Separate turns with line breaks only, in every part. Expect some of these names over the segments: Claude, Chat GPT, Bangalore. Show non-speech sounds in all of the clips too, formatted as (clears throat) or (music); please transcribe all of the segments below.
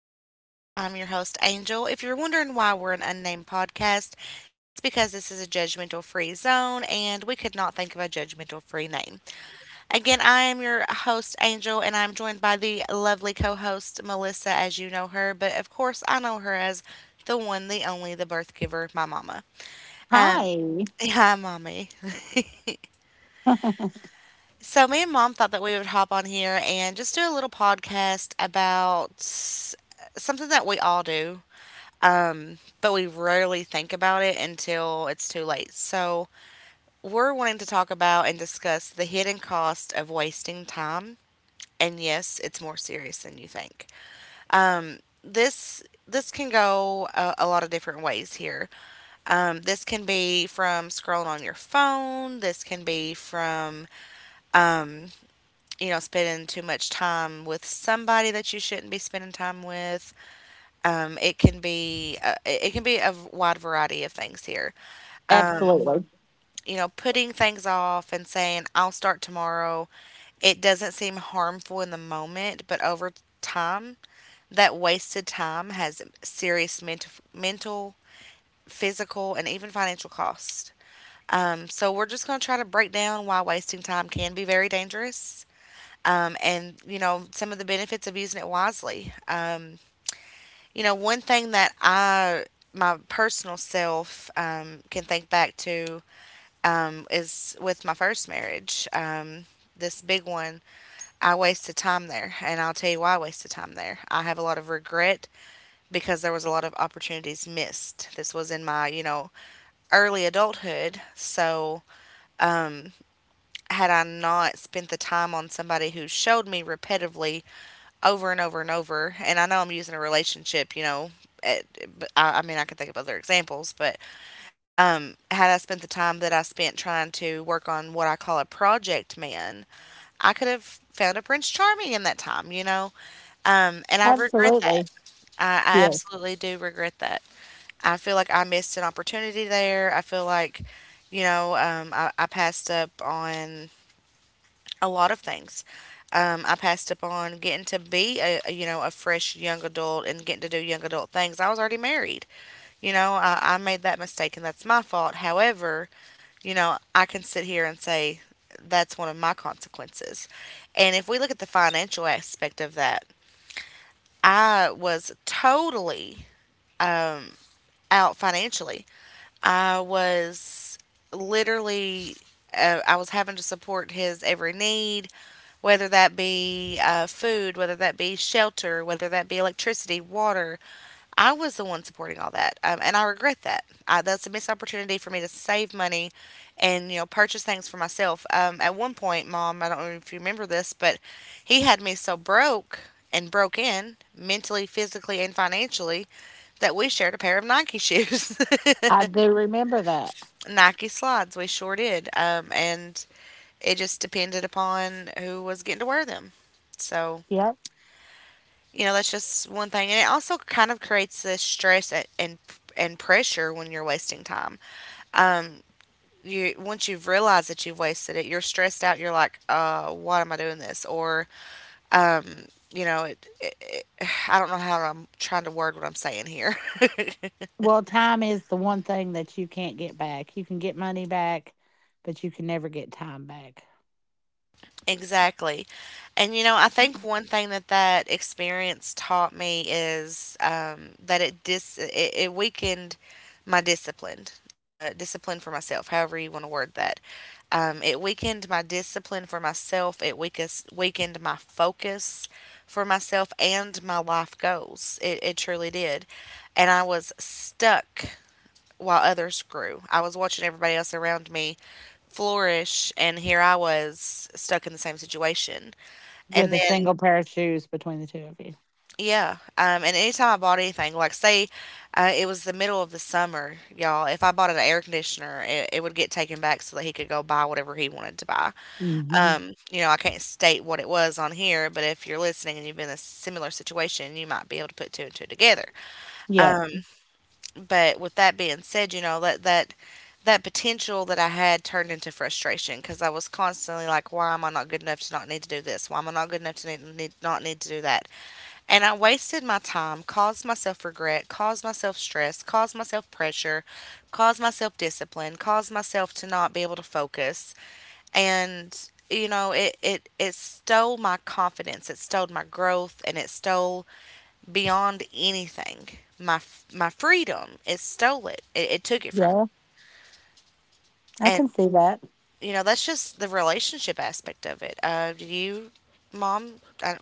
Podcast. I'm your host, Angel. If you're wondering why we're an unnamed podcast, it's because this is a judgmental free zone and we could not think of a judgmental free name. Again, I am your host, Angel, and I'm joined by the lovely co host, Melissa, as you know her, but of course, I know her as the one, the only, the birth giver, my mama. Um,
Hi.
Hi, mommy. (laughs)
(laughs)
So, me and mom thought that we would hop on here and just do a little podcast about something that we all do, but we rarely think about it until it's too late. So, we're wanting to talk about and discuss the hidden cost of wasting time. And yes, it's more serious than you think. This can go a lot of different ways here. This can be from scrolling on your phone. This can be from spending too much time with somebody that you shouldn't be spending time with. It can be it can be a wide variety of things here.
Absolutely.
You know, putting things off and saying I'll start tomorrow. It doesn't seem harmful in the moment, but over time, that wasted time has serious mental, physical, and even financial costs. So we're just going to try to break down why wasting time can be very dangerous and some of the benefits of using it wisely. You know, one thing that I my personal self can think back to is with my first marriage. This big one, I wasted time there, and I'll tell you why I wasted time there. I have a lot of regret because there was a lot of opportunities missed. This was in my early adulthood, so had I not spent the time on somebody who showed me repetitively over and over and over, and I know I'm using a relationship, you know, it, but I mean, I can think of other examples, but had I spent the time that I spent trying to work on what I call a project man, I could have found a Prince Charming in that time, and I regret that.
Absolutely.
I
Yes.
absolutely do regret that. I feel like I missed an opportunity there. I feel like, I passed up on a lot of things. I passed up on getting to be a a fresh young adult and getting to do young adult things. I was already married. I made that mistake and that's my fault. However, you know, I can sit here and say that's one of my consequences. And if we look at the financial aspect of that, I was totally out financially. I was literally I was having to support his every need, whether that be food, whether that be shelter, whether that be electricity, water. I was the one supporting all that, and I regret that. That's a missed opportunity for me to save money and purchase things for myself. At one point, Mom, I don't know if you remember this, but he had me so broke and broke in mentally, physically, and financially that we shared a pair of Nike shoes.
I
(laughs)
do remember that.
Nike slides. We sure did. And it just depended upon who was getting to wear them. So,
Yep.
you know, that's just one thing. And it also kind of creates this stress and pressure when you're wasting time. Um, you once you've realized that you've wasted it, you're stressed out. You're like, why am I doing this? Or, um, you know, it, it, it, (sighs) I don't know how I'm trying to word what I'm saying here. (laughs)
Well, time is the one thing that you can't get back. You can get money back, but you can never get time back
Exactly. And you know, I think one thing that that experience taught me is that it weakened my discipline, discipline for myself, however you want to word that. It weakened my discipline for myself. It weakened my focus for myself and my life goals. It truly did. And I was stuck while others grew. I was watching everybody else around me flourish, and here I was stuck in the same situation.
with
And
a
then,
single pair of shoes between the two of you.
yeah, and anytime I bought anything, like say it was the middle of the summer, y'all, if I bought an air conditioner, it would get taken back so that he could go buy whatever he wanted to buy.
Mhm.
You know, I can't state what it was on here, but if you're listening and you've been in a similar situation, you might be able to put two and two together.
Yep.
But with that being said, you know, that potential that I had turned into frustration because I was constantly like, why am I not good enough to not need to do this? Why am I not good enough to not need to do that? And I wasted my time, caused myself regret, caused myself stress, caused myself pressure, caused myself discipline, caused myself to not be able to focus. And, it stole my confidence, it stole my growth, and it stole beyond anything. My my freedom, it stole it. It took it from.
Yeah. I
And
can see that.
you know that's just the relationship aspect of it. Do you, mom? I,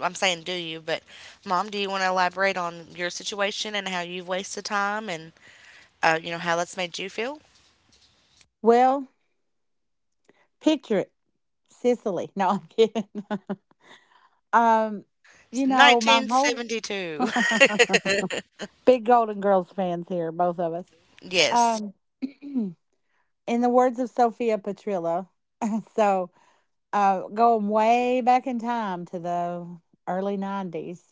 I'm saying do you, but mom, do you want to elaborate on your situation and how you've wasted time and you know how that's made you feel?
Well, picture it. Sicily. No, I'm kidding. (laughs) um, you
It's
know, my whole
1972.
(laughs) big Golden Girls fans here, both of us.
(laughs) Yes,
Um (clears throat) in the words of Sophia Petrillo. (laughs) so, Going way back in time to the early 90s,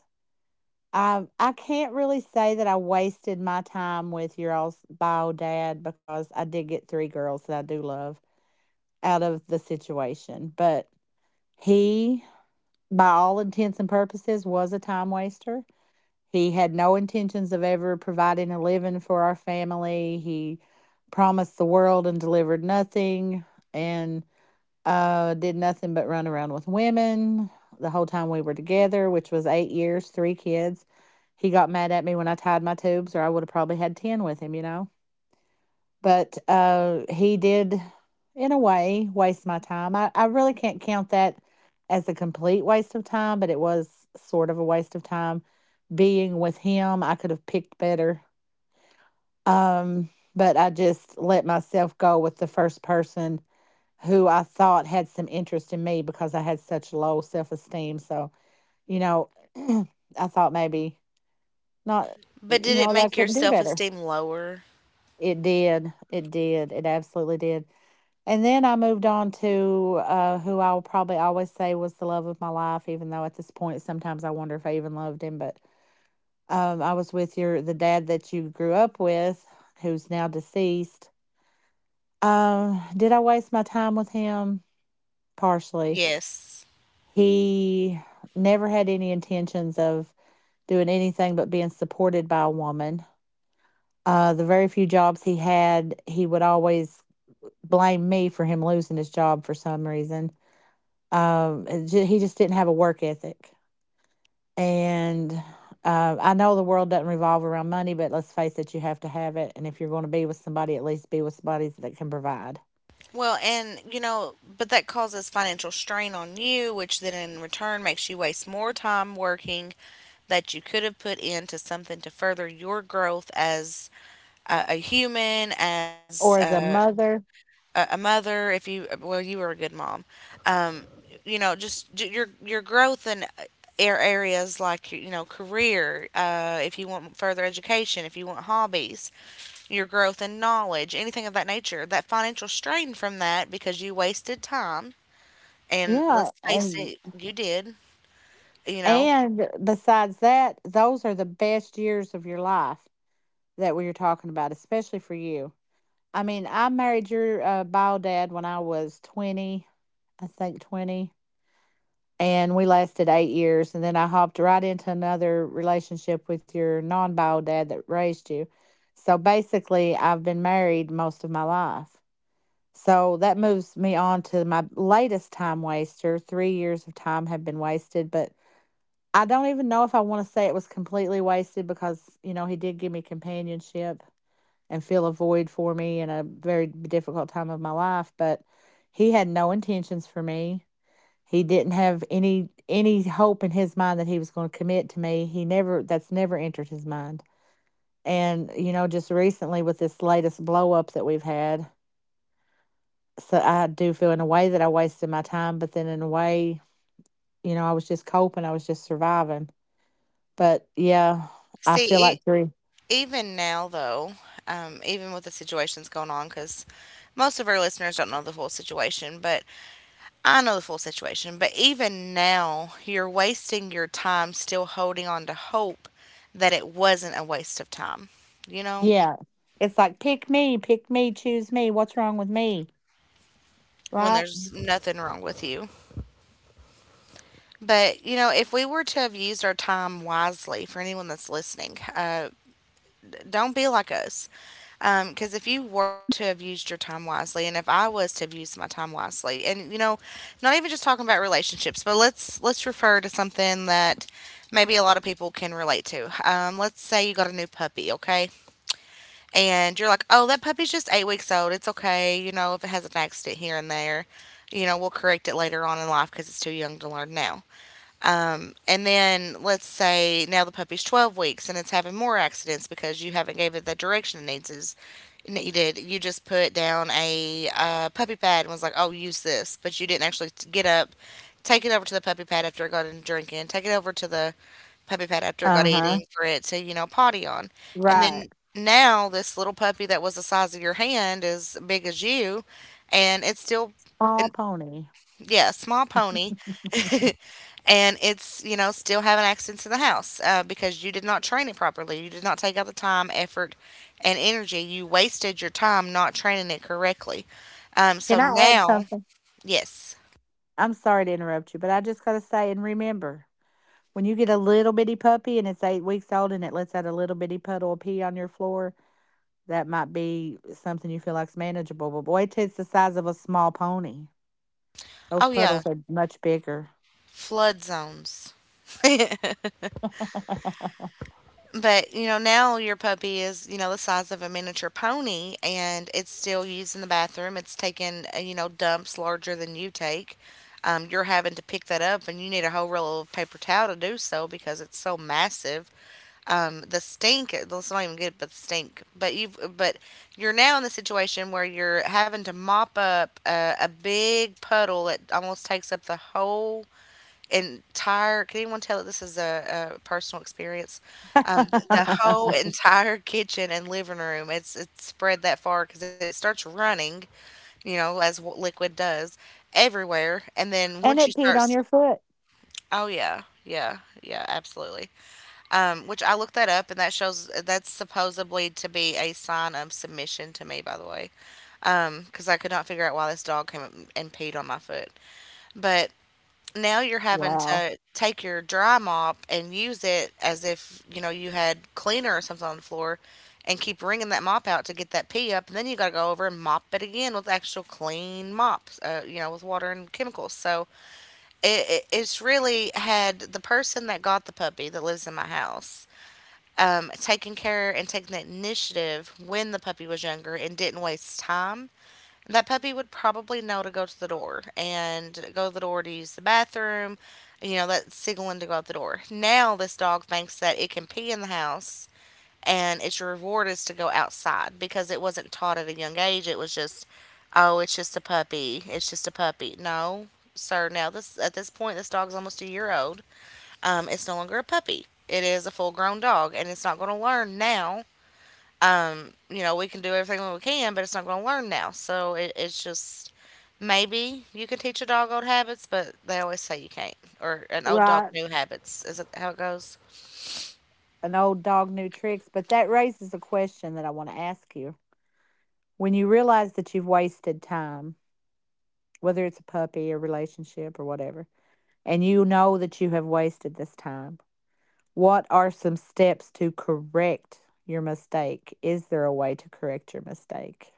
I can't really say that I wasted my time with your all's bio dad because I did get three girls that I do love out of the situation. But he, by all intents and purposes, was a time waster. He had no intentions of ever providing a living for our family. He promised the world and delivered nothing. And did nothing but run around with women the whole time we were together, which was 8 years, three kids. He got mad at me when I tied my tubes, or I would have probably had 10 with him, you know? But he did, in a way, waste my time. I really can't count that as a complete waste of time, but it was sort of a waste of time being with him. I could have picked better. Um, but I just let myself go with the first person who I thought had some interest in me because I had such low self esteem. So, you know, (clears throat) I thought maybe not,
but
you
did it
know, that I
make your
couldn't do
self
better.
esteem lower?
It did. It did. It absolutely did. And then I moved on to who I will probably always say was the love of my life, even though at this point sometimes I wonder if I even loved him. But I was with your the dad that you grew up with, who's now deceased. Did I waste my time with him? Partially.
Yes.
He never had any intentions of doing anything but being supported by a woman. The very few jobs he had, he would always blame me for him losing his job for some reason. Um, he just didn't have a work ethic. And I know the world doesn't revolve around money, but let's face it, you have to have it. And if you're going to be with somebody, at least be with somebody that can provide
Well, and you know, but that causes financial strain on you, which then in return makes you waste more time working that you could have put into something to further your growth as a human, as
or as a
a,
mother.
a a mother. If you, well, you were a good mom. Um, you know, just your growth in areas like you know career. If you want further education, if you want hobbies, your growth in knowledge, anything of that nature. That financial strain from that because you wasted time, and
Yeah.
let's face
And
it, you did. You know,
And besides that, those are the best years of your life that we are talking about, especially for you. I mean, I married your bio dad when I was 20, I think 20, and we lasted 8 years. And then I hopped right into another relationship with your non bio dad that raised you. So basically, I've been married most of my life. So that moves me on to my latest time waster. 3 years of time have been wasted, but I don't even know if I want to say it was completely wasted because, you know, he did give me companionship and fill a void for me in a very difficult time of my life, but he had no intentions for me. He didn't have any hope in his mind that he was going to commit to me. He never that's never entered his mind. And you know, just recently with this latest blow up that we've had, so I do feel in a way that I wasted my time, but then in a way, you know, I was just coping, I was just surviving. But yeah, I
see,
feel
e-
like three.
even now though, even with the situations going on, because most of our listeners don't know the full situation, but I know the full situation. But even now, you're wasting your time still holding on to hope that it wasn't a waste of time. You know,
Yeah. It's like pick me, choose me. What's wrong with me?
when
Right?
there's nothing wrong with you. But, you know, if we were to have used our time wisely, for anyone that's listening, don't be like us. Because if you were to have used your time wisely, and if I was to have used my time wisely, and you know, not even just talking about relationships, but let's refer to something that maybe a lot of people can relate to. Let's say you got a new puppy, okay, and you're like, oh, that puppy's just 8 weeks old. It's okay, you know, if it has an accident here and there, you know, we'll correct it later on in life because it's too young to learn now. And then let's say now the puppy's 12 weeks and it's having more accidents because you haven't gave it the direction it needs is needed. You just put down a puppy pad and was like, "Oh, use this," but you didn't actually get up, take it over to the puppy pad after it got in drinking, take it over to the puppy pad after it got
Uh-huh.
eating for it to potty on, and then
Right.
now this little puppy that was the size of your hand is big as you, and it's still
Small pony.
yeah, small pony, (laughs) and it's still having accidents in the house because you did not train it properly. You did not take out the time, effort, and energy. You wasted your time not training it correctly.
Can
So
I add
now,
something?
yes,
I'm sorry to interrupt you, but I just gotta say and remember, when you get a little bitty puppy and it's 8 weeks old and it lets out a little bitty puddle of pee on your floor, that might be something you feel like's manageable. But boy, till it's the size of a small pony. Those
oh yeah,
puddles are much bigger.
flood zones.
(laughs) (laughs) and
But you know, now your puppy is the size of a miniature pony, and it's still used in the bathroom. It's taking you know dumps larger than you take. You're having to pick that up, and you need a whole roll of paper towel to do so because it's so massive. The stink, let's not even get it, but the stink. But you're now in the situation where you're having to mop up a big puddle that almost takes up the whole entire, can anyone tell that this is a personal experience? The whole entire (laughs) kitchen and living room, it's spread that far because it starts running, liquid does, everywhere. And then once you
it
start
peed on your foot.
oh yeah, yeah, yeah, absolutely. Which I looked that up, and that shows that's supposedly to be a sign of submission to me, by the way, because I could not figure out why this dog came up and peed on my foot. But now you're having
Wow.
to take your dry mop and use it as if, you know, you had cleaner or something on the floor, and keep wringing that mop out to get that pee up. And then you got to go over and mop it again with actual clean mops, you know, with water and chemicals. So it's really, had the person that got the puppy that lives in my house taking care and taking that initiative when the puppy was younger and didn't waste time, that puppy would probably know to go to the door and go to the door to use the bathroom, you know, that's signaling to go out the door. Now, this dog thinks that it can pee in the house, and its reward is to go outside, because it wasn't taught at a young age. It was just, oh, it's just a puppy. It's just a puppy. No, sir. Now, this at this point, this dog's almost a year old. It's no longer a puppy. It is a full grown dog, and it's not going to learn now. You know, we can do everything we can, but it's not going to learn now. So it's just, maybe you can teach a dog old habits, but they always say you can't. Or an old dog
Right.
new habits. Is it how it goes?
An old dog new tricks, but that raises a question that I want to ask you. When you realize that you've wasted time, whether it's a puppy or relationship or whatever, and you know that you have wasted this time, what are some steps to correct your mistake? Is there a way to correct your mistake?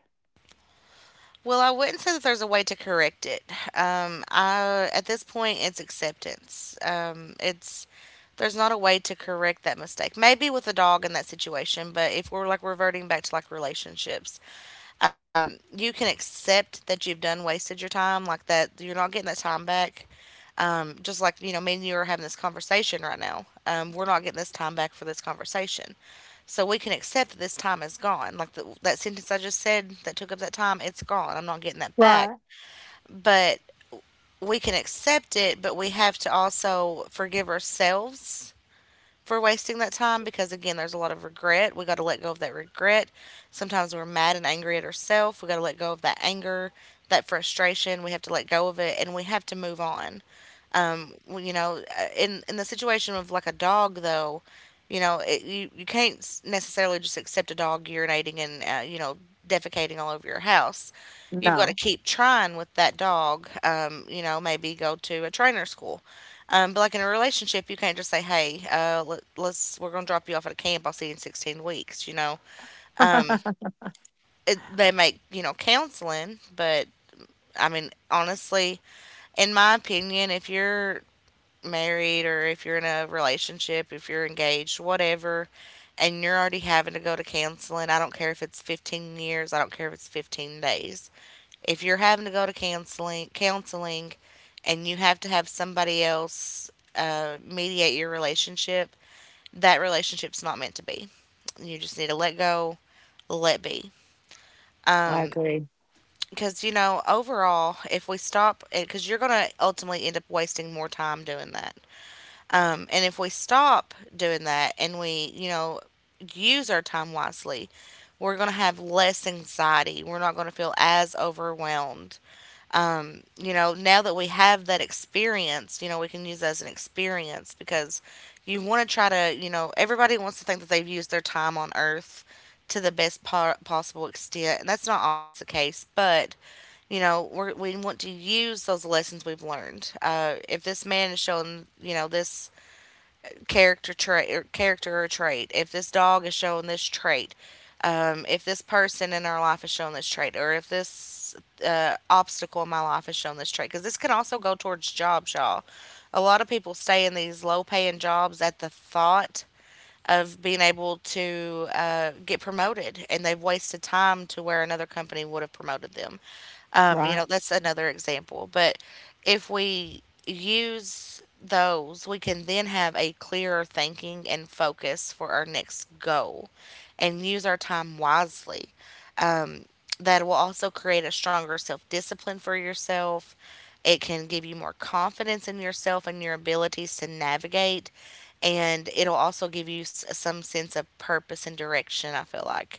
Well, I wouldn't say that there's a way to correct it. At this point, it's acceptance. It's There's not a way to correct that mistake. Maybe with a dog in that situation, but if we're like reverting back to like relationships, you can accept that you've done wasted your time, like that you're not getting that time back. Just like, you know, me and you are having this conversation right now. We're not getting this time back for this conversation, so we can accept that this time is gone. Like that sentence I just said that took up that time, it's gone. I'm not getting that back.
Right.
But we can accept it, but we have to also forgive ourselves for wasting that time, because again, there's a lot of regret. We got to let go of that regret. Sometimes we're mad and angry at ourselves. We got to let go of that anger, that frustration. We have to let go of it, and we have to move on. You know, in the situation of like a dog, though, you know, it, you can't necessarily just accept a dog urinating and you know, defecating all over your house. You've got to
No.
keep trying with that dog. You know, maybe go to a trainer school. But like in a relationship, you can't just say, "Hey, let's, we're gonna drop you off at a camp. I'll see you in 16 weeks." You know,
(laughs)
um,
I
they make, you know, counseling, but I mean, honestly, in my opinion, if you're married, or if you're in a relationship, if you're engaged, whatever, and you're already having to go to counseling, I don't care if it's 15 years, I don't care if it's 15 days. If you're having to go to counseling, and you have to have somebody else mediate your relationship, that relationship's not meant to be. You just need to let go, let be.
agree.
Because, you know, overall, if we stop, because you're going to ultimately end up wasting more time doing that. And if we stop doing that, and we, you know, use our time wisely, we're going to have less anxiety. We're not going to feel as overwhelmed. You know, now that we have that experience, you know, we can use that as an experience, because you want to try to, you know, everybody wants to think that they've used their time on earth to the best possible extent. And that's not always the case, but you know, we want to use those lessons we've learned. If this man is showing, you know, this character trait or character or trait, if this dog is showing this trait, if this person in our life is showing this trait, or if this obstacle in my life is showing this trait, because this can also go towards jobs, y'all. A lot of people stay in these low paying jobs at the thought of being able to get promoted, and they've wasted time to where another company would have promoted them. You know,
Right.
that's another example. But if we use those, we can then have a clearer thinking and focus for our next goal, and use our time wisely. Um, that will also create a stronger self discipline for yourself. It can give you more confidence in yourself and your abilities to navigate, and it'll also give you some sense of purpose and direction, I feel like.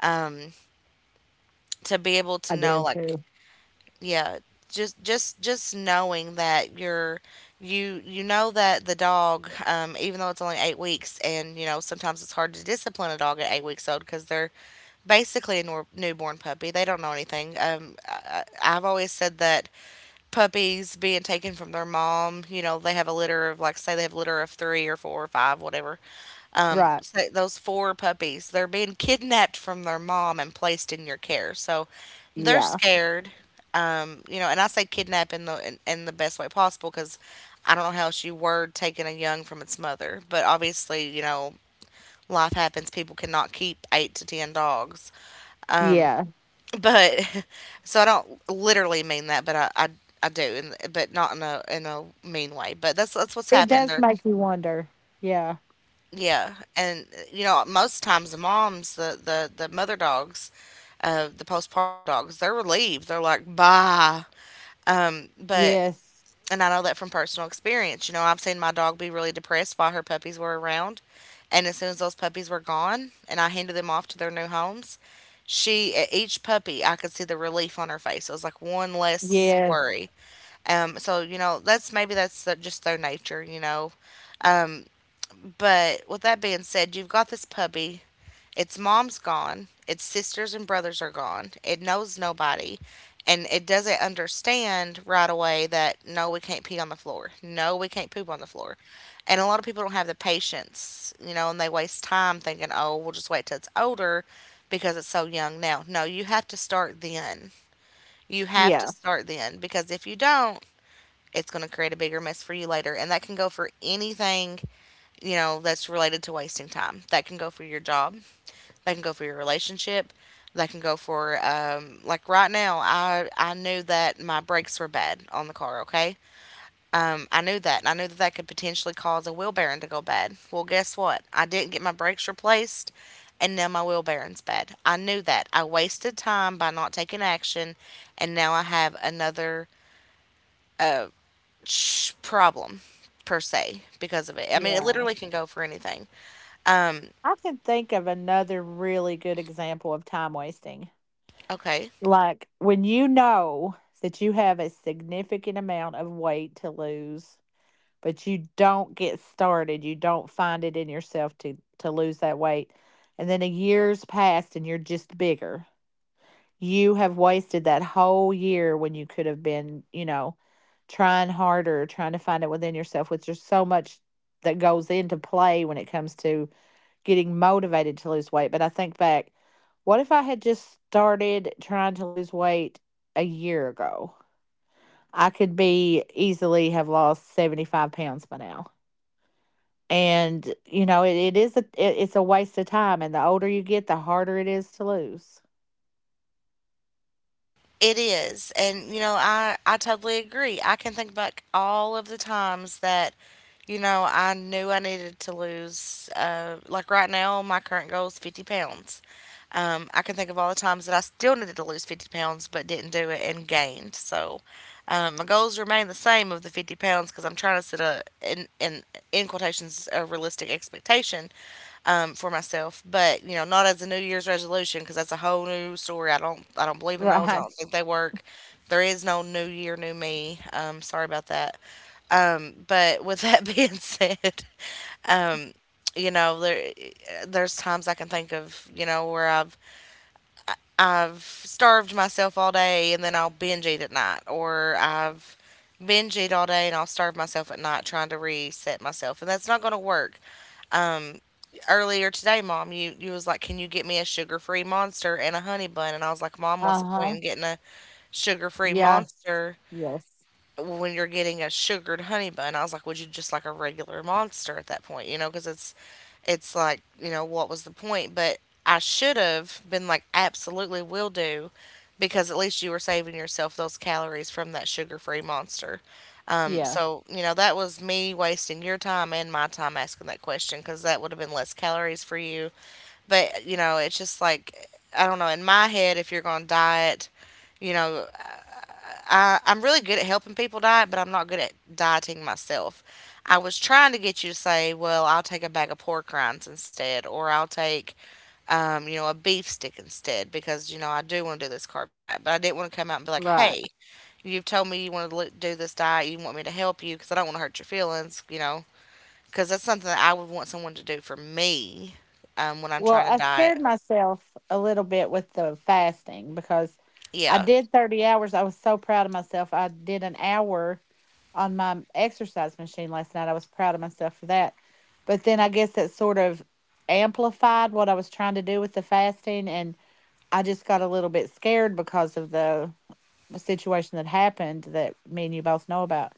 um, to be able to
I
know,
do
like,
too.
yeah, just knowing that you're, you know that the dog, even though it's only 8 weeks, and you know, sometimes it's hard to discipline a dog at 8 weeks old because they're basically a newborn puppy. They don't know anything. I've always said that puppies being taken from their mom, you know, they have a litter of, like, say they have a litter of 3 or 4 or 5, whatever.
Right.
So those 4 puppies, they're being kidnapped from their mom and placed in your care. So they're
Yeah.
scared. You know, and I say kidnap in the in the best way possible, because I don't know how else you word taking a young from its mother. But obviously, you know, life happens. People cannot keep 8 to 10 dogs.
Yeah.
But (laughs) so I don't literally mean that, but I do, and but not in a mean way. But that's what's
It
happening.
does
They're—
make you wonder. Yeah.
yeah, and you know, most times the moms, the mother dogs, the postpartum dogs, they're relieved. They're like, "Bye." But
Yes.
And I know that from personal experience. You know, I've seen my dog be really depressed while her puppies were around, and as soon as those puppies were gone, and I handed them off to their new homes, she at each puppy, I could see the relief on her face. It was like one less
Yes.
worry. So you know, that's maybe that's just their nature, you know. But with that being said, you've got this puppy, its mom's gone, its sisters and brothers are gone. It knows nobody, and it doesn't understand right away that no, we can't pee on the floor. No, we can't poop on the floor. And a lot of people don't have the patience, you know, and they waste time thinking, "Oh, we'll just wait till it's older because it's so young now." No, you have to start then. You have to
Yeah.
start then, because if you don't, it's going to create a bigger mess for you later. And that can go for anything, you know, that's related to wasting time. That can go for your job, that can go for your relationship, that can go for, like right now. I knew that my brakes were bad on the car. Okay, I knew that, and I knew that that could potentially cause a wheel bearing to go bad. Well, guess what? I didn't get my brakes replaced. And now my wheel bearing's bad. I knew that. I wasted time by not taking action, and now I have another problem, per se, because of it. I mean, it
Yeah.
literally can go for anything. Um,
I can think of another really good example of time wasting.
okay.
Like when you know that you have a significant amount of weight to lose, but you don't get started, you don't find it in yourself to lose that weight. And then a year's passed and you're just bigger. You have wasted that whole year when you could have been, you know, trying harder, trying to find it within yourself, which there's so much that goes into play when it comes to getting motivated to lose weight. But I think back, what if I had just started trying to lose weight a year ago? I could be easily have lost 75 pounds by now. And, you know, it's a waste of time. And the older you get, the harder it is to lose.
It is. And, you know, I totally agree. I can think back all of the times that, you know, I knew I needed to lose. Like right now, my current goal is 50 pounds. I can think of all the times that I still needed to lose 50 pounds, but didn't do it and gained. So my goals remain the same of the 50 pounds, because I'm trying to set a, in quotations, a realistic expectation, for myself, but you know, not as a New Year's resolution, because that's a whole new story. I don't believe in those. I
Right.
don't think they work. There is no New Year, new me. Sorry about that. But with that (laughs) being said, you know, there, there's times I can think of, where I've starved myself all day and then I'll binge eat at night, or I've binge eat all day and I'll starve myself at night trying to reset myself, and that's not going to work. Earlier today, Mom, you was like, "Can you get me a sugar-free Monster and a honey bun?" And I was like, "Mom, what's the point
Uh-huh.
in getting a sugar-free
Yes,
Monster
yes,
when you're getting a sugared honey bun?" I was like, would you just like a regular Monster at that point? You know, because it's like, you know, what was the point? But I should have been like, absolutely will do, because at least you were saving yourself those calories from that sugar-free Monster. Um,
yeah,
so you know, that was me wasting your time and my time asking that question, because that would have been less calories for you. But you know, it's just like, I don't know. In my head, if you're gonna diet, you know, I'm really good at helping people diet, but I'm not good at dieting myself. I was trying to get you to say, well, I'll take a bag of pork rinds instead, or I'll take, you know, a beef stick instead, because, you know, I do want to do this carb diet. But I didn't want to come out and be like,
right.
hey, you've told me you want to do this diet, you want me to help you, because I don't want to hurt your feelings, you know, because that's something that I would want someone to do for me when I'm
Well,
trying to
I
diet.
scared myself a little bit with the fasting because I
Yeah.
did 30 hours. I was so proud of myself. I did an hour on my exercise machine last night. I was proud of myself for that. But then I guess that sort of amplified what I was trying to do with the fasting. And I just got a little bit scared because of the situation that happened that me and you both know about.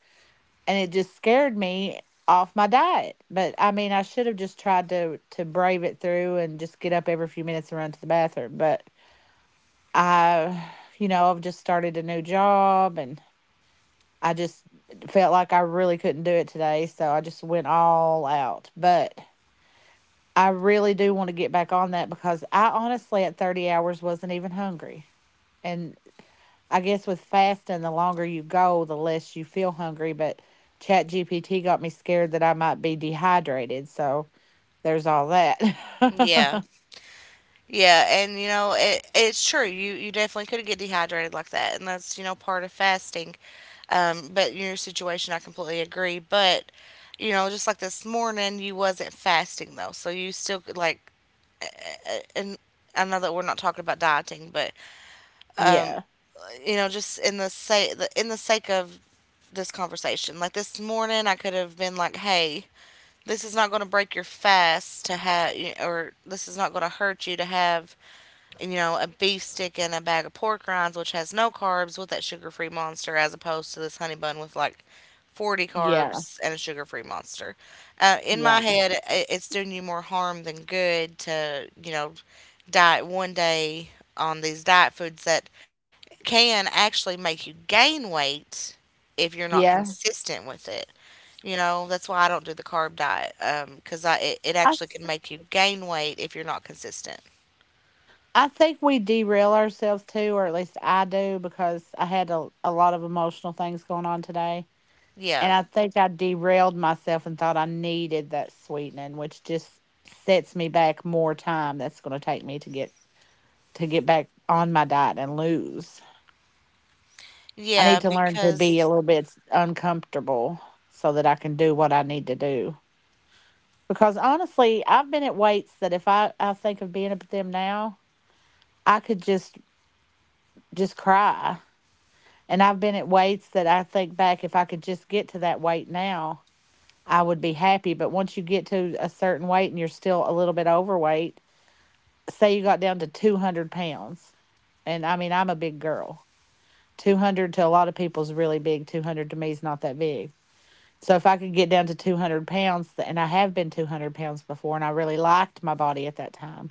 And it just scared me off my diet. But I mean, I should have just tried to brave it through and just get up every few minutes and run to the bathroom. But I, you know, I've just started a new job and I just felt like I really couldn't do it today, so I just went all out. But I really do want to get back on that because I honestly at 30 hours wasn't even hungry and I guess with fasting, the longer you go, the less you feel hungry. But Chat GPT got me scared that I might be dehydrated. So there's all that.
Yeah.
(laughs)
Yeah, and you know, it's true. You definitely could get dehydrated like that, and that's, you know, part of fasting. But in your situation, I completely agree. But, you know, just like this morning, you wasn't fasting though, so you still could, like, and I know that we're not talking about dieting, but
Yeah.
you know, just in the say the, in the sake of this conversation, like this morning, I could have been like, hey. This is not going to break your fast to have, or this is not going to hurt you to have, you know, a beef stick and a bag of pork rinds, which has no carbs, with that sugar free monster, as opposed to this honey bun with like 40
Yeah.
carbs and a sugar free monster. In my
Yeah.
head, it's doing you more harm than good to, you know, diet one day on these diet foods that can actually make you gain weight if you're not
Yeah.
consistent with it. You know, that's why I don't do the carb diet, because it
I,
actually can
s-
make you gain weight if you're not consistent.
I think we derail ourselves too, or at least I do, because I had a lot of emotional things going on today. And
Yeah.
I think I derailed myself and thought I needed that sweetening, which just sets me back more time that's going to take me to get back on my diet and lose. I
Yeah,
need to learn to be a
because
little bit uncomfortable so that I can do what I need to do. Because honestly, I've been at weights that if I, I think of being at them now, I could just cry. And I've been at weights that I think back if I could just get to that weight now, I would be happy. But once you get to a certain weight and you're still a little bit overweight, say you got down to 200 pounds. And I mean I'm a big girl. 200 to a lot of people is really big. 200 to me is not that big. So if I could get down to 200 pounds, and I have been 200 pounds before, and I really liked my body at that time.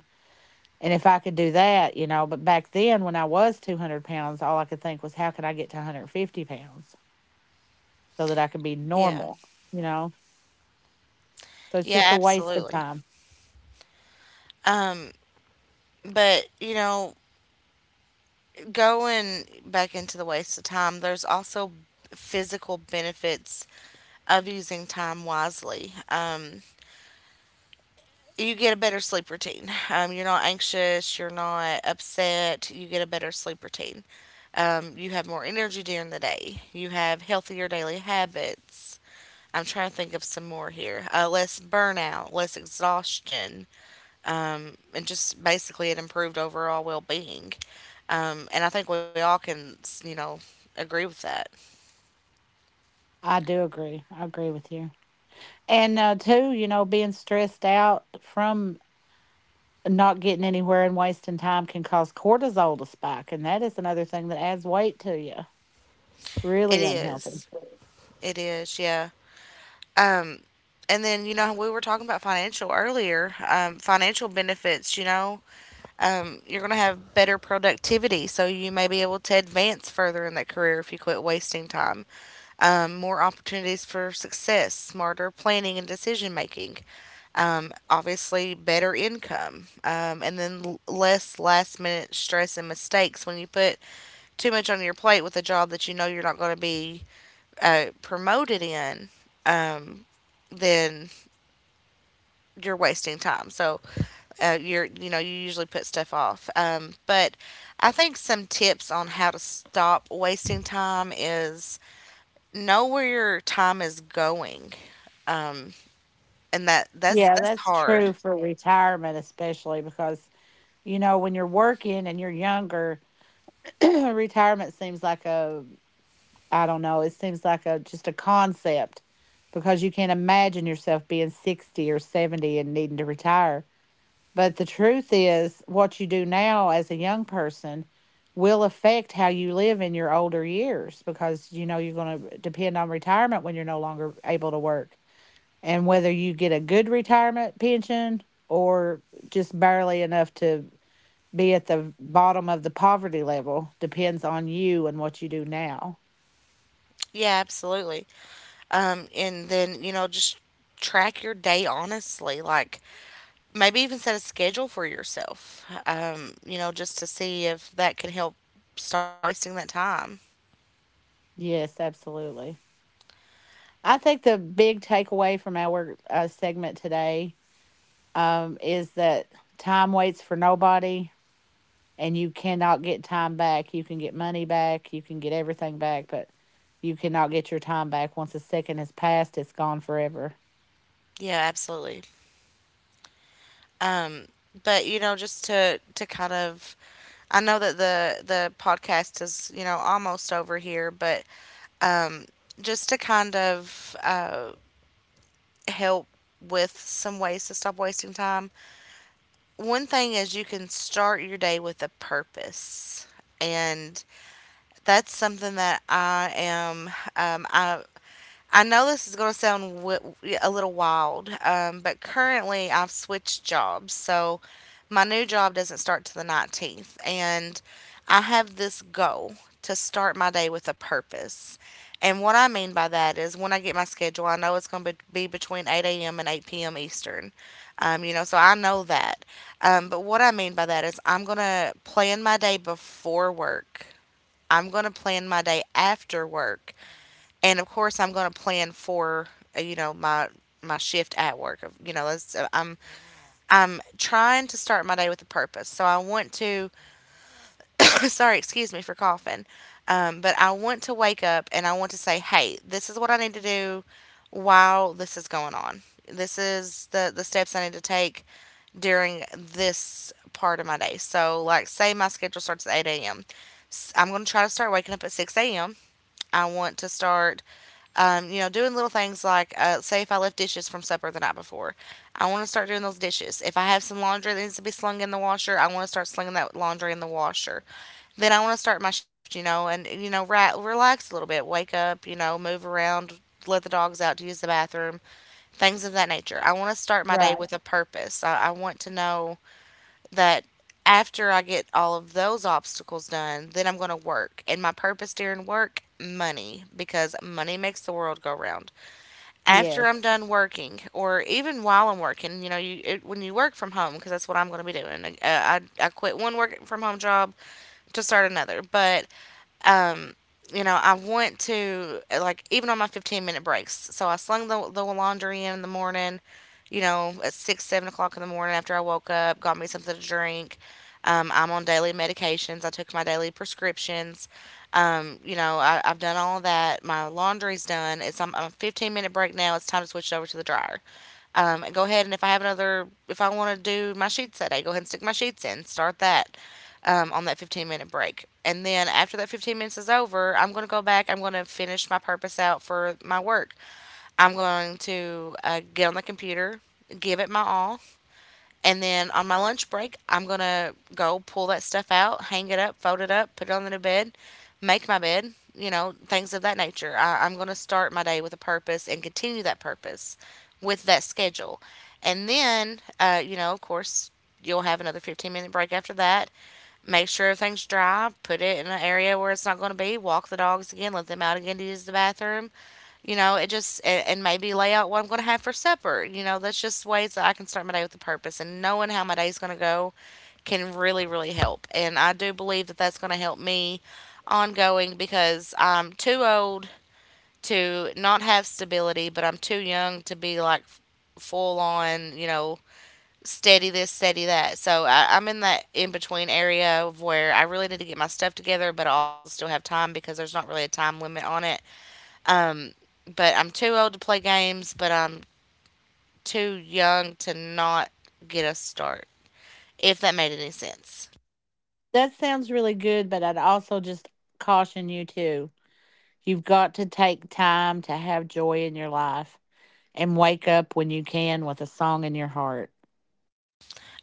And if I could do that, you know, but back then when I was 200 pounds, all I could think was, how can I get to 150 pounds so that I could be
yeah.
normal, you know? So it's
Yeah,
just a waste of
absolutely.
time.
Um, but you know, going back into the waste of time, there's also physical benefits of using time wisely. You get a better sleep routine. You're not anxious, you're not upset, you get a better sleep routine. You have more energy during the day. You have healthier daily habits. I'm trying to think of some more here. Less burnout, less exhaustion, and just basically it improved overall well being. And I think we all can, you know, agree with that.
I do agree. I agree with you. And too, you know, being stressed out from not getting anywhere and wasting time can cause cortisol to spike, and that is another thing that adds weight to you.
It
Really unhealthy.
is. It is, yeah. And then, you know, we were talking about financial earlier. Financial benefits, you know, you're going to have better productivity. So you may be able to advance further in that career if you quit wasting time. More opportunities for success, smarter planning and decision making, obviously better income, and then less last minute stress and mistakes when you put too much on your plate with a job that you know you're not going to be promoted in. Then you're wasting time, so you're, you know, you usually put stuff off, but I think some tips on how to stop wasting time is know where your time is going, and that that's
Yeah,
that's
that's
hard.
true for retirement, especially because, you know, when you're working and you're younger, (clears throat) retirement seems like a, I don't know, it seems like a just a concept because you can't imagine yourself being 60 or 70 and needing to retire. But the truth is, what you do now as a young person will affect how you live in your older years because you know you're going to depend on retirement when you're no longer able to work. And whether you get a good retirement pension or just barely enough to be at the bottom of the poverty level depends on you and what you do now.
Yeah, absolutely. And then, you know, just track your day honestly. Like maybe even set a schedule for yourself, you know, just to see if that can help stop wasting that time.
Yes, absolutely. I think the big takeaway from our segment today is that time waits for nobody and you cannot get time back. You can get money back, you can get everything back, but you cannot get your time back. Once a second has passed, it's gone forever.
Yeah, absolutely. But you know, just to kind of, I know that the podcast is, you know, almost over here, but just to kind of help with some ways to stop wasting time. One thing is you can start your day with a purpose. And that's something that I am. Um, I I know this is going to sound a little wild, but currently I've switched jobs, so my new job doesn't start till the 19th, and I have this goal to start my day with a purpose. And what I mean by that is when I get my schedule, I know it's going to be between 8 a.m. and 8 p.m. Eastern. You know, so I know that. But what I mean by that is I'm going to plan my day before work, I'm going to plan my day after work. And of course, I'm going to plan for, you know, my shift at work. You know, I'm trying to start my day with a purpose. So I want to (coughs) sorry, excuse me for coughing. But I want to wake up and I want to say, "Hey, this is what I need to do while this is going on. This is the steps I need to take during this part of my day." So, like, say my schedule starts at eight a.m. I'm gonna try to start waking up at 6 a.m. I want to start, you know, doing little things like, say, if I left dishes from supper the night before, I want to start doing those dishes. If I have some laundry that needs to be slung in the washer, I want to start slinging that laundry in the washer. Then I want to start my shift, you know, and, you know, right, relax a little bit, wake up, you know, move around, let the dogs out to use the bathroom, things of that nature. I want to start my day
Right.
with a purpose. I want to know that after I get all of those obstacles done, then I'm going to work. And my purpose during work, money, because money makes the world go round. After I'm
Yes.
done working, or even while I'm working, you know, when you work from home, because that's what I'm going to be doing. I quit one work from home job to start another, but um, you know, I want to, like, even on my 15-minute breaks. So I slung the laundry in the morning, you know, at 6, 7 o'clock in the morning after I woke up, got me something to drink. I'm on daily medications. I took my daily prescriptions. You know, I've done all that. My laundry's done. It's I'm a 15-minute break now. It's time to switch it over to the dryer. And go ahead, and if I have another, if I want to do my sheets that day, go ahead and stick my sheets in. Start that, on that 15-minute break. And then after that 15 minutes is over, I'm going to go back. I'm going to finish my purpose out for my work. I'm going to get on the computer, give it my all. And then on my lunch break, I'm going to go pull that stuff out, hang it up, fold it up, put it on the new bed, make my bed, you know, things of that nature. I'm going to start my day with a purpose and continue that purpose with that schedule. And then, you know, of course, you'll have another 15-minute break after that, make sure everything's dry, put it in an area where it's not going to be, walk the dogs again, let them out again to use the bathroom. You know, it just, and maybe lay out what I'm going to have for supper. You know, that's just ways that I can start my day with a purpose. And knowing how my day's going to go can really, really help. And I do believe that that's going to help me ongoing, because I'm too old to not have stability, but I'm too young to be like full on, you know, steady this, steady that. So I'm in that in between area of where I really need to get my stuff together, but I also still have time because there's not really a time limit on it. Um, but I'm too old to play games, but I'm too young to not get a start. If that made any sense.
That sounds really good, but I'd also just caution you too. You've got to take time to have joy in your life and wake up when you can with a song in your heart.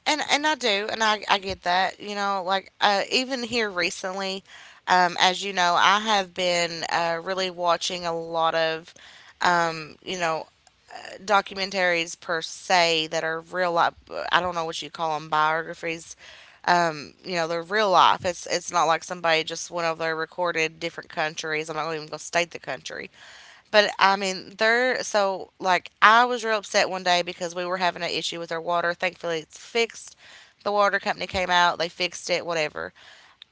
And I do, and I get that. You know, like even here recently, as you know, I have been really watching a lot of, um, you know, documentaries per se that are real life. I don't know what you call them, biographies. They're real life. It's not like somebody just went over there, recorded different countries. I'm not going to even going to state the country, but I mean, they're so like I was real upset one day because we were having an issue with our water. Thankfully, it's fixed. The water company came out, they fixed it, whatever.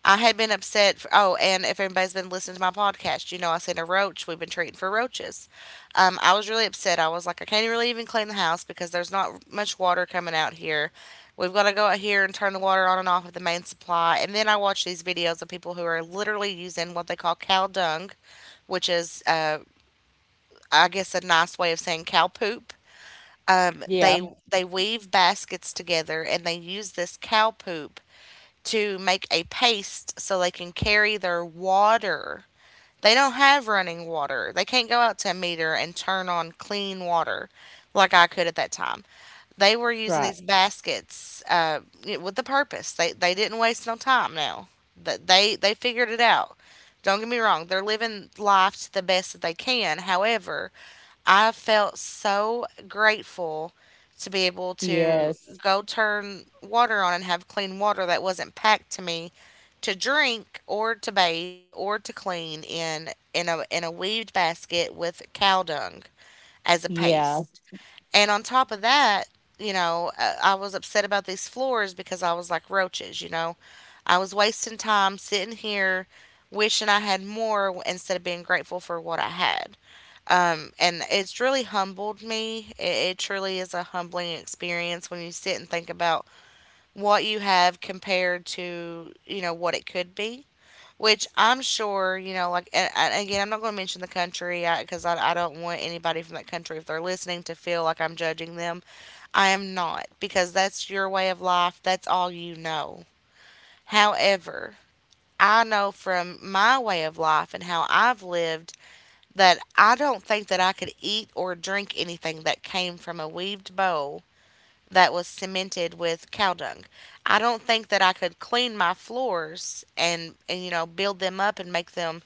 I had been upset. For, oh, and if anybody's been listening to my podcast, you know I sent a roach. We've been treating for roaches. I was really upset. I was like, I can't really even clean the house because there's not much water coming out here. We've got to go out here and turn the water on and off at the main supply. And then I watch these videos of people who are literally using what they call cow dung, which is I guess a nice way of saying cow poop.
Yeah.
They weave baskets together and they use this cow poop to make a paste so they can carry their water. They don't have running water. They can't go out to a meter and turn on clean water like I could at that time. They were using
Right.
these baskets with the purpose. They didn't waste no time now. That They figured it out. Don't get me wrong, they're living life to the best that they can. However, I felt so grateful to be able to
Yes.
go turn water on and have clean water that wasn't packed to me to drink or to bathe or to clean in a weaved basket with cow dung as a
Yeah.
paste. And on top of that, you know, I was upset about these floors because I was like roaches, you know. I was wasting time sitting here wishing I had more instead of being grateful for what I had. And it's really humbled me. It truly is a humbling experience when you sit and think about what you have compared to, you know, what it could be. Which I'm sure, you know, like, and again, I'm not going to mention the country because I don't want anybody from that country, if they're listening, to feel like I'm judging them. I am not because that's your way of life. That's all you know. However, I know from my way of life and how I've lived that I don't think that I could eat or drink anything that came from a weaved bowl that was cemented with cow dung. I don't think that I could clean my floors and you know build them up and make them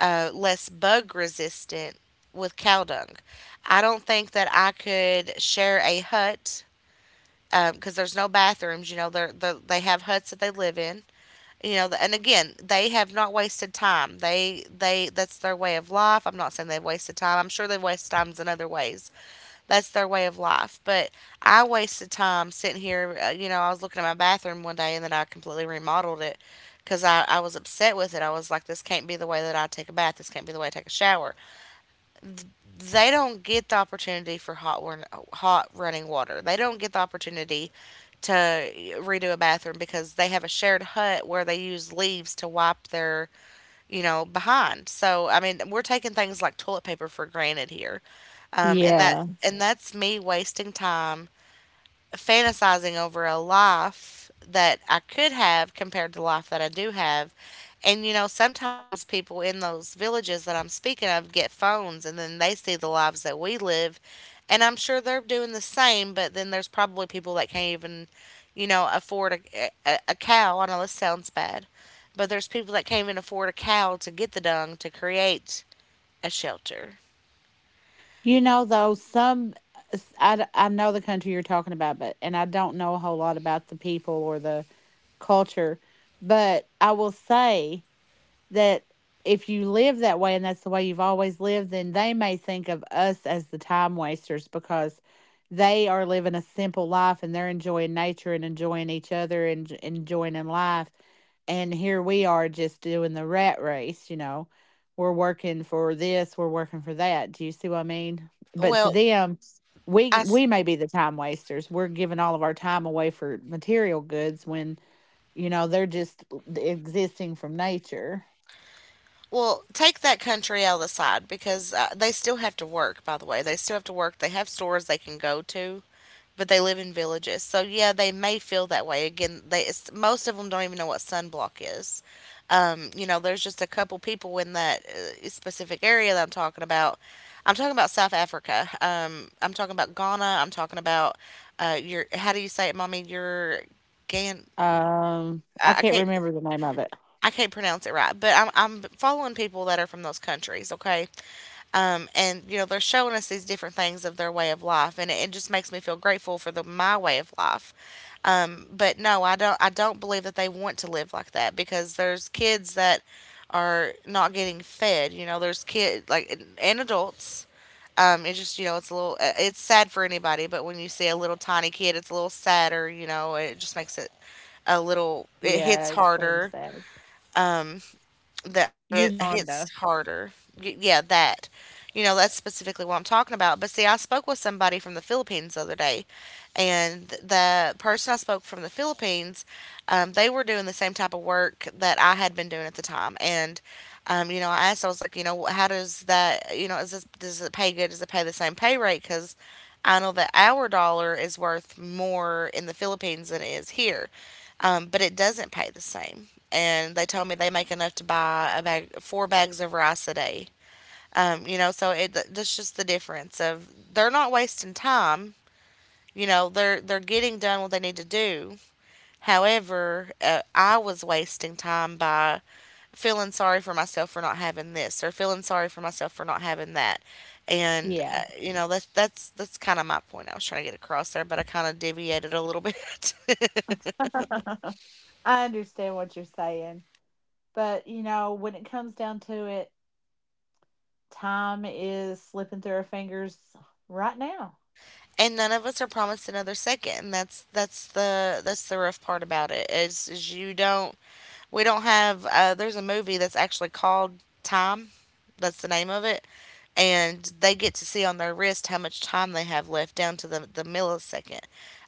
less bug resistant with cow dung. I don't think that I could share a hut because there's no bathrooms. You know, they have huts that they live in you know and again they have not wasted time they that's their way of life. I'm not saying they've wasted time. I'm sure they've wasted times in other ways. That's their way of life, but I wasted time sitting here you know I was looking at my bathroom one day and then I completely remodeled it because I was upset with it. I was like, this can't be the way that I take a bath, this can't be the way I take a shower. They don't get the opportunity for hot running water. They don't get the opportunity to redo a bathroom because they have a shared hut where they use leaves to wipe their, you know, behind. So, I mean, we're taking things like toilet paper for granted here. And that
Yeah.
and that's me wasting time fantasizing over a life that I could have compared to the life that I do have. And you know, sometimes people in those villages that I'm speaking of get phones and then they see the lives that we live. And I'm sure they're doing the same, but then there's probably people that can't even, you know, afford a cow. I know this sounds bad, but there's people that can't even afford a cow to get the dung to create a shelter.
You know, though, I, I know the country you're talking about, but and I don't know a whole lot about the people or the culture, but I will say that if you live that way and that's the way you've always lived, then they may think of us as the time wasters because they are living a simple life and they're enjoying nature and enjoying each other and enjoying in life. And here we are just doing the rat race, you know. We're working for this, we're working for that. Do you see what I mean? But to
Well,
them, we
I
we may be the time wasters. We're giving all of our time away for material goods when, you know, they're just existing from nature.
Well, take that country out of the side because they still have to work, by the way. They still have to work. They have stores they can go to, but they live in villages. So, yeah, they may feel that way. Again, they it's, most of them don't even know what sunblock is. You know, there's just a couple people in that specific area that I'm talking about. I'm talking about South Africa. I'm talking about Ghana. I'm talking about your, how do you say it, mommy? Your Gan.
I
I I
can't
can't
remember the name of it.
I can't pronounce it right, but I'm following people that are from those countries, okay? And you know they're showing us these different things of their way of life, and it just makes me feel grateful for the my way of life. But no, I don't. I don't believe that they want to live like that because there's kids that are not getting fed. You know, there's kid like and adults. It's just you know it's a little it's sad for anybody, but when you see a little tiny kid, it's a little sadder. You know, it just makes it a little it
Yeah,
hits
it seems
harder
sad.
that I guess hits
Uganda.
harder. Yeah, that. You know, that's specifically what I'm talking about. But see, I spoke with somebody from the Philippines the other day, and the person I spoke from the Philippines, they were doing the same type of work that I had been doing at the time. And, you know, I asked, I was like, you know, how does that, you know, is this, does it pay good? Does it pay the same pay rate? Because I know that our dollar is worth more in the Philippines than it is here but it doesn't pay the same. And they told me they make enough to buy a bag, four bags of rice a day. You know, so it that's just the difference of they're not wasting time. You know, they're getting done what they need to do. However, I was wasting time by feeling sorry for myself for not having this or feeling sorry for myself for not having that. And
Yeah.
you know, that's kind of my point I was trying to get across there, but I kind of deviated a little (laughs) bit.
(laughs) I understand what you're saying. But, you know, when it comes down to it, time is slipping through our fingers right now.
And none of us are promised another second, and that's the rough part about it is you don't we don't have there's a movie that's actually called Time. That's the name of it, and they get to see on their wrist how much time they have left down to the millisecond.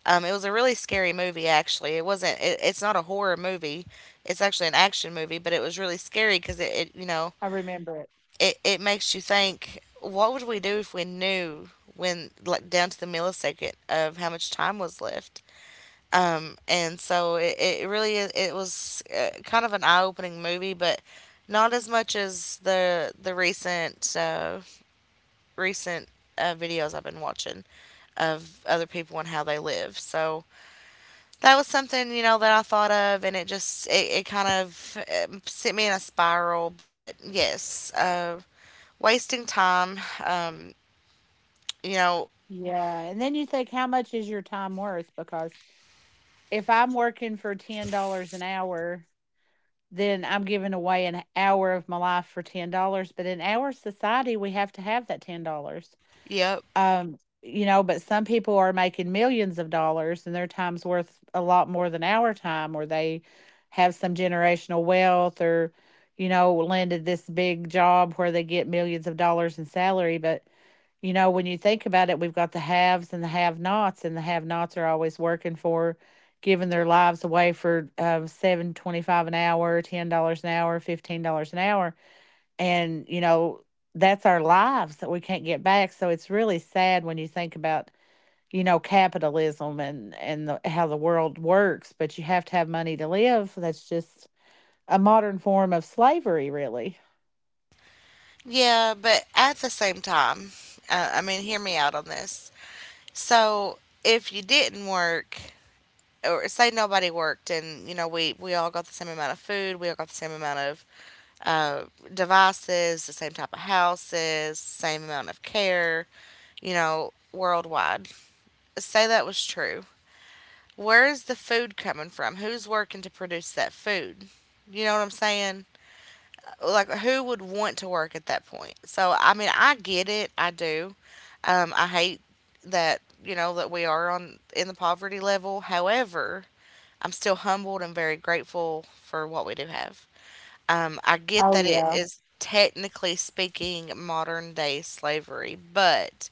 It was a really scary movie. Actually, it wasn't it, it's not a horror movie, it's actually an action movie, but it was really scary because it you know
I remember it.
it makes you think, what would we do if we knew when like down to the millisecond of how much time was left. And so it it was kind of an eye-opening movie, but not as much as the recent recent videos I've been watching of other people and how they live. So that was something, you know, that I thought of, and it just it kind of sent me in a spiral. But yes, wasting time. You know,
Yeah. And then you think, how much is your time worth? Because if I'm working for $10 an hour, then I'm giving away an hour of my life for $10. But in our society, we have to have that $10.
yep.
Um, you know, but some people are making millions of dollars and their time's worth a lot more than our time, or they have some generational wealth or, you know, landed this big job where they get millions of dollars in salary. But, you know, when you think about it, we've got the haves and the have nots, and the have nots are always working for giving their lives away for 7.25 an hour, $10 an hour, $15 an hour and, you know, that's our lives that we can't get back, so it's really sad when you think about, you know, capitalism and the how the world works, but you have to have money to live. That's just a modern form of slavery, really.
Yeah, but at the same time, I mean, hear me out on this. So, if you didn't work, or say nobody worked, and you know, we all got the same amount of food, we all got the same amount of uh, devices, the same type of houses, same amount of care, you know, worldwide. Say that was true. Where's the food coming from? Who's working to produce that food? You know what I'm saying? Like who would want to work at that point? So I mean, I get it, I do. I hate that, you know, that we are on in the poverty level. However, I'm still humbled and very grateful for what we do have. I get
Oh,
that it
yeah.
is technically speaking modern day slavery, but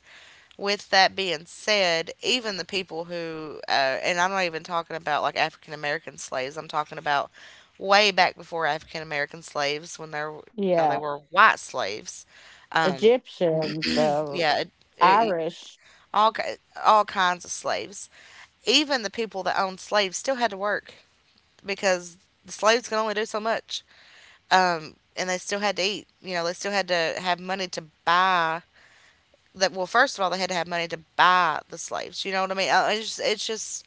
with that being said, even the people who and I'm not even talking about like African American slaves, I'm talking about way back before African American slaves when they were
Yeah.
white slaves. Um,
Egyptians,
yeah, it,
Irish.
all, ki- all kinds of slaves. Even the people that owned slaves still had to work because the slaves could only do so much. And they still had to eat. You know, they still had to have money to buy that. Well, first of all, they had to have money to buy the slaves, you know what I mean. It's just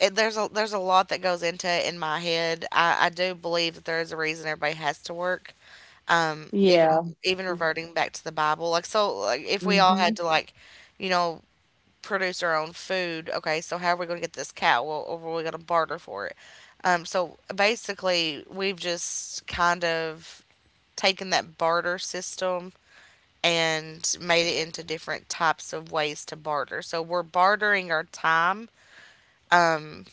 there's a lot that goes into it. In my head, I do believe that there is a reason everybody has to work. Even
Yeah.
even reverting back to the Bible, like if we all had
Mhm.
to, like, you know produce our own food. Okay, so how are we going to get this cow? Well, or are we going to barter for it? So basically we've just kind of taken that barter system and made it into different types of ways to barter. So we're bartering our time um,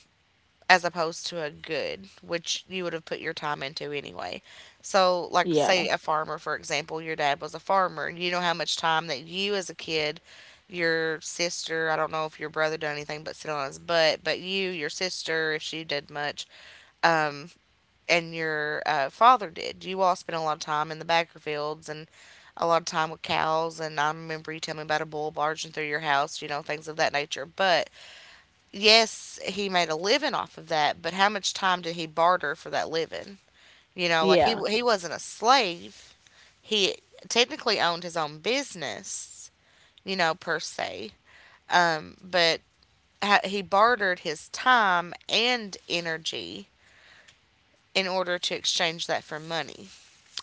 as opposed to a good, which you would have put your time into anyway. So, like,
Yeah.
say a farmer, for example, your dad was a farmer. You know how much time that you as a kid, your sister, I don't know if your brother did anything but sit on his butt, but you, your sister, if she did much, um and your father did. You all spent a lot of time in the Backer fields and a lot of time with cows. And I remember you telling me about a bull barging through your house, you know, things of that nature. But yes, he made a living off of that. But how much time did he barter for that living? You know, like he
Yeah.
he wasn't a slave. He technically owned his own business, you know, per se. But he bartered his time and energy in order to exchange that for money.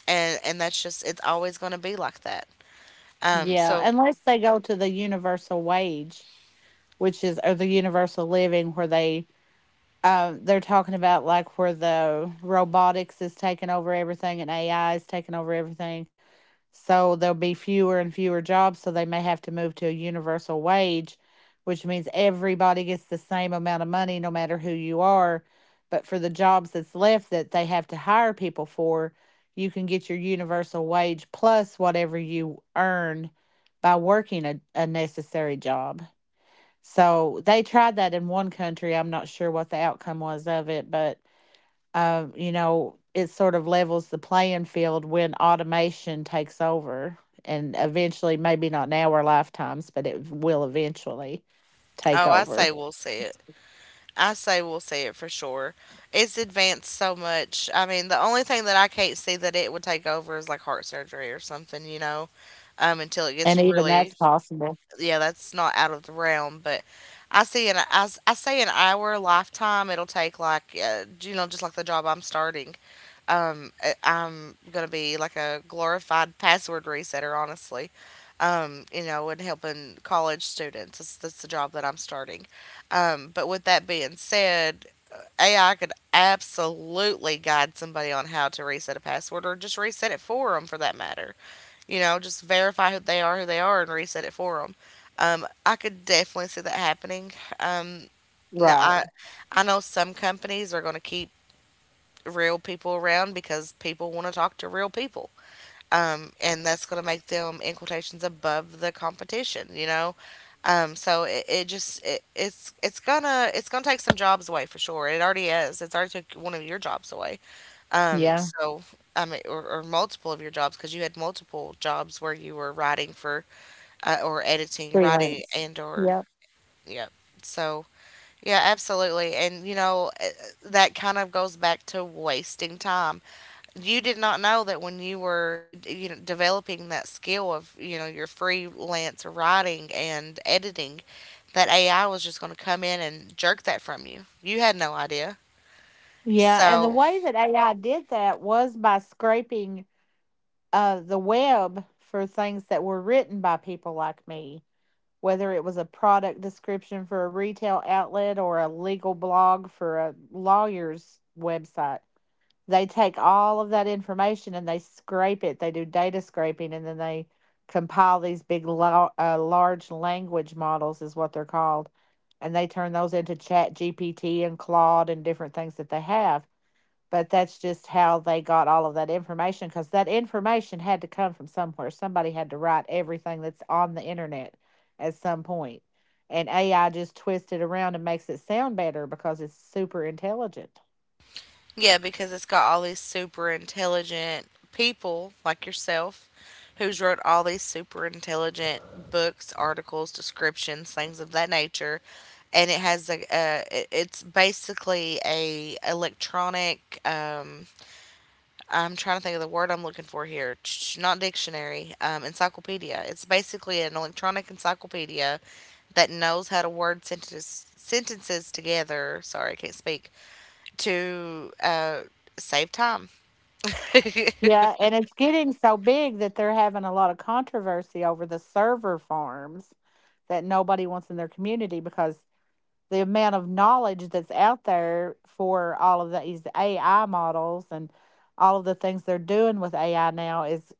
And that's just, it's always going to be like that. Um,
Yeah,
so
unless they go to the universal wage, which is or the universal living where they they're talking about like where the robotics is taking over everything and AI is taking over everything. So there'll be fewer and fewer jobs. So they may have to move to a universal wage, which means everybody gets the same amount of money no matter who you are. But for the jobs that's left that they have to hire people for, you can get your universal wage plus whatever you earn by working a necessary job. So they tried that in one country. I'm not sure what the outcome was of it, but you know, it sort of levels the playing field when automation takes over and eventually, maybe not in our lifetimes, but it will eventually take
oh, I say
over.
we'll see it. I say we'll see it for sure. It's advanced so much. I mean, the only thing that I can't see that it would take over is like heart surgery or something, you know, until it
And
gets
even that's
really,
possible.
yeah, that's not out of the realm, but. I see an I, s- I say in our lifetime it'll take, like, you know, just like the job I'm starting. I'm gonna be like a glorified password resetter, honestly. You know, and helping college students. That's the job that I'm starting. But with that being said, AI could absolutely guide somebody on how to reset a password or just reset it for them for that matter. You know, just verify who they are, and reset it for them. I could definitely see that happening. Um, Now,
Right.
I know some companies are going to keep real people around because people want to talk to real people. And that's going to make them, in quotations, above the competition, you know? It's gonna take some jobs away for sure. It already is. It's already took one of your jobs away. Um,
Yeah.
so I mean, or multiple of your jobs because you had multiple jobs where you were writing for or editing, writing
Freelance.
and or
Yep.
yeah. So yeah, absolutely. And you know that kind of goes back to wasting time. You did not know that when you were, you know, developing that skill of, you know, your freelance writing and editing that AI was just going to come in and jerk that from you. You had no idea.
Yeah. And the
So,
way that AI did that was by scraping the web for things that were written by people like me, whether it was a product description for a retail outlet or a legal blog for a lawyer's website. They take all of that information and they scrape it. They do data scraping and then they compile these big, large language models, is what they're called. And they turn those into Chat GPT and Claude and different things that they have, but that's just how they got all of that information because that information had to come from somewhere. Somebody had to write everything that's on the internet at some point. And AI just twists it around and makes it sound better because it's super intelligent.
yeah, because it's got all these super intelligent people like yourself who's wrote all these super intelligent books, articles, descriptions, things of that nature. And it has a, it's basically a electronic I'm trying to think of the word I'm looking for here. Not dictionary, encyclopedia. It's basically an electronic encyclopedia that knows how to word sentences together. Sorry, I can't speak to save time. (laughs)
Yeah, and it's getting so big that they're having a lot of controversy over the server farms that nobody wants in their community because the amount of knowledge that's out there for all of these AI models and all of the things they're doing with AI now is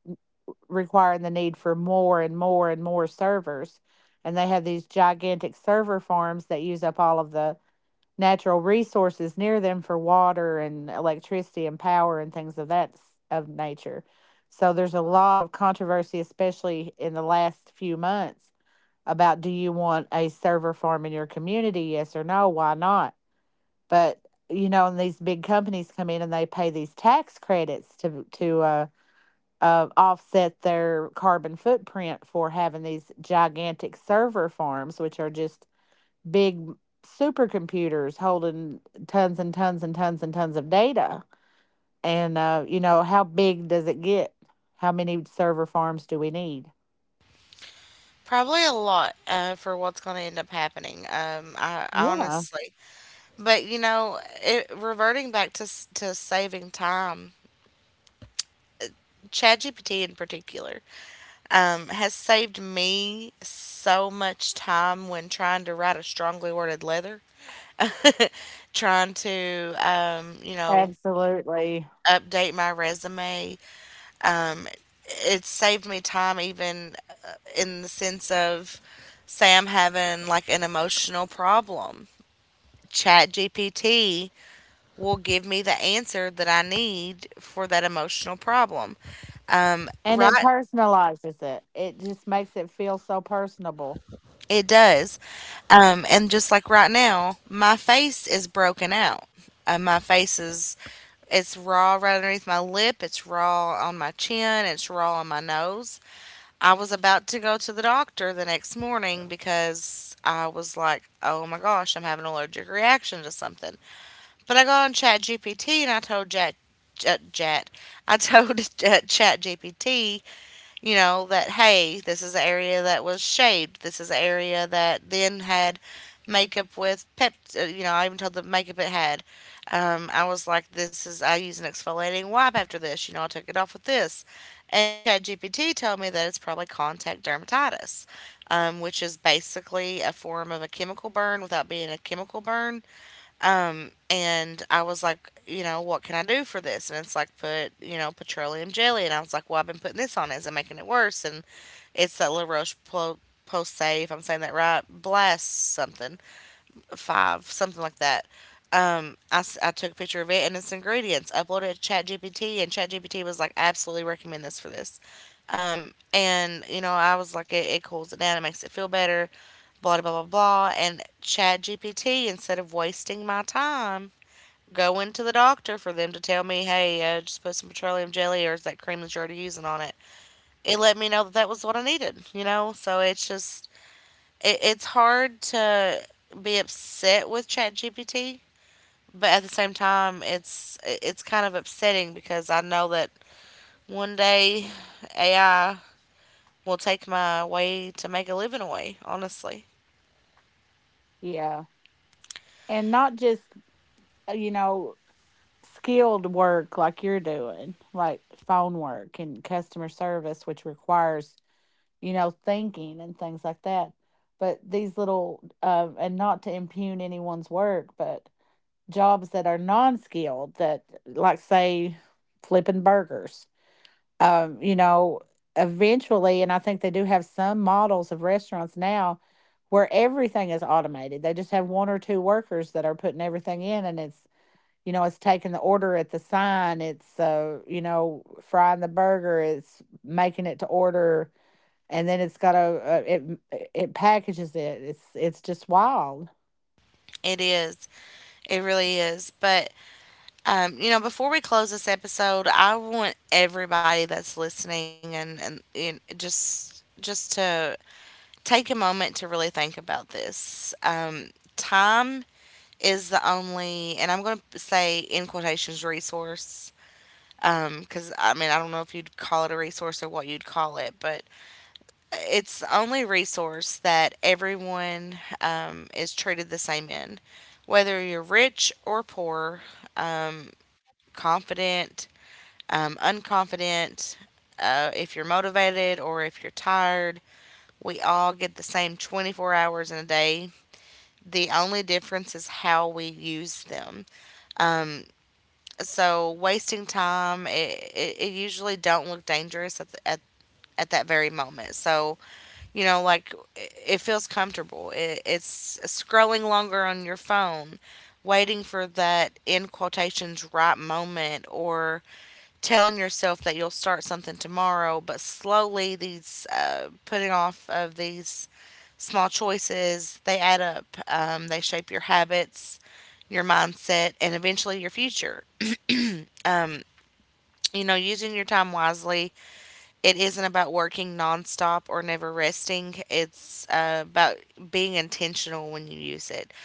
requiring the need for more and more and more servers. And they have these gigantic server farms that use up all of the natural resources near them for water and electricity and power and things of that of nature. So there's a lot of controversy, especially in the last few months, about do you want a server farm in your community? Yes or no? Why not? But you know, and these big companies come in and they pay these tax credits to offset their carbon footprint for having these gigantic server farms, which are just big supercomputers holding tons and tons and tons and tons of data. And you know, how big does it get? How many server farms do we need?
Probably a lot, for what's going to end up happening. I
Yeah,
honestly, but you know, reverting back to to saving time, ChatGPT in particular. Has saved me so much time when trying to write a strongly worded letter, (laughs) trying to, you know,
absolutely.
update my resume. Um, it saved me time even in the sense of, say, I'm having like an emotional problem. Chat GPT will give me the answer that I need for that emotional problem.
And it
Right.
personalizes it. It just makes it feel so personable.
It does. And just like right now, my face is broken out. Uh, my face is, it's raw right underneath my lip. It's raw on my chin. It's raw on my nose. I was about to go to the doctor the next morning because I was like, oh my gosh, I'm having an allergic reaction to something. But I got on Chat GPT and I told Chat, Chat, I told (laughs) Chat GPT, you know, that hey, this is the area that was shaved. This is the area that then had makeup with pep. You know, I even told the makeup it had. I was like, this is, I use an exfoliating wipe after this. You know, I took it off with this, and ChatGPT told me that it's probably contact dermatitis, which is basically a form of a chemical burn without being a chemical burn. And I was like, you know, what can I do for this? And it's like, put, you know, petroleum jelly. And I was like, well, I've been putting this on. Is it making it worse? And it's that La Roche Posay, if I'm saying that right, Blast something, five, something like that. I took a picture of it and its ingredients, uploaded it to ChatGPT, and ChatGPT was like, absolutely recommend this for this. And, you know, I was like, it cools it down, it makes it feel better, blah, blah, blah, blah, blah. And ChatGPT, instead of wasting my time going to the doctor for them to tell me, hey, just put some petroleum jelly or is that cream that you're already using on it. It let me know that that was what I needed, you know? So it's just, it's hard to be upset with ChatGPT, but at the same time, it's kind of upsetting because I know that one day AI will take my way to make a living away, honestly.
Yeah. And not just, you know, skilled work like you're doing, like phone work and customer service, which requires, you know, thinking and things like that. But these little, and not to impugn anyone's work, but jobs that are non skilled, that, like, say, flipping burgers you know, eventually, and I think they do have some models of restaurants now where everything is automated. They just have one or two workers that are putting everything in, and it's you know, it's taking the order at the sign. It's you know, frying the burger. It's making it to order, and then it's got a it it packages it. It's just wild,
It is. It really is. But you know, before we close this episode, I want everybody that's listening, and just to take a moment to really think about this. Time is the only, and I'm going to say in quotations, resource. Because I mean, I don't know if you'd call it a resource or what you'd call it, but it's the only resource that everyone is treated the same in. Whether you're rich or poor, um, confident, unconfident, if you're motivated or if you're tired, we all get the same 24 hours in a day. The only difference is how we use them. Um, so wasting time, it usually don't look dangerous at that very moment. So you know, like it feels comfortable. It's scrolling longer on your phone, waiting for that in quotations right moment, or telling yourself that you'll start something tomorrow, but slowly these putting off of these small choices, they add up. They shape your habits, your mindset, and eventually your future. You know, using your time wisely, it isn't about working nonstop or never resting. It's about being intentional when you use it.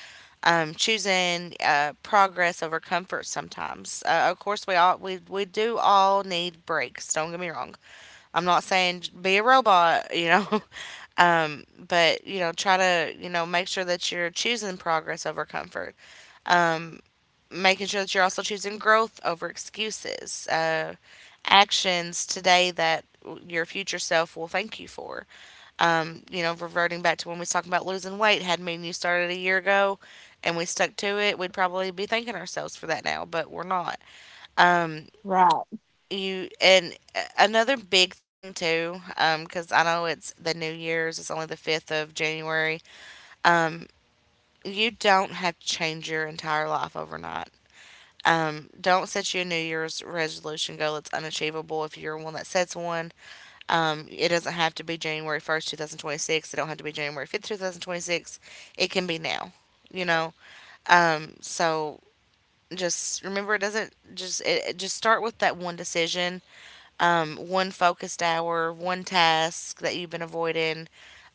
Choosing progress over comfort sometimes. Of course, we do all need breaks. Don't get me wrong. I'm not saying be a robot, you know, (laughs) but you know, try to, you know, make sure that you're choosing progress over comfort, making sure that you're also choosing growth over excuses, actions today that your future self will thank you for. You know, reverting back to when we was talking about losing weight, had me and you started a year ago and we stuck to it, we'd probably be thanking ourselves for that now, but we're not.
right?
You and another big thing too, because I know it's the New Year's, it's only the 5th of January. You don't have to change your entire life overnight. Don't set your New Year's resolution goal. It's unachievable if you're one that sets one. It doesn't have to be January 1st, 2026. It don't have to be January 5th, 2026. It can be now, you know? So just remember, it doesn't just just start with that one decision, one focused hour, one task that you've been avoiding.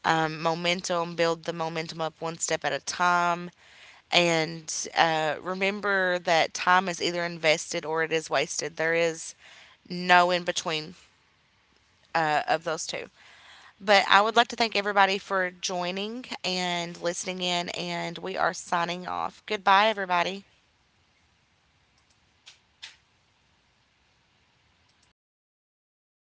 Momentum, build the momentum up one step at a time. And Remember that time is either invested or it is wasted. There is no in between of those two. But I would like to thank everybody for joining and listening in, and we are signing off. Goodbye, everybody.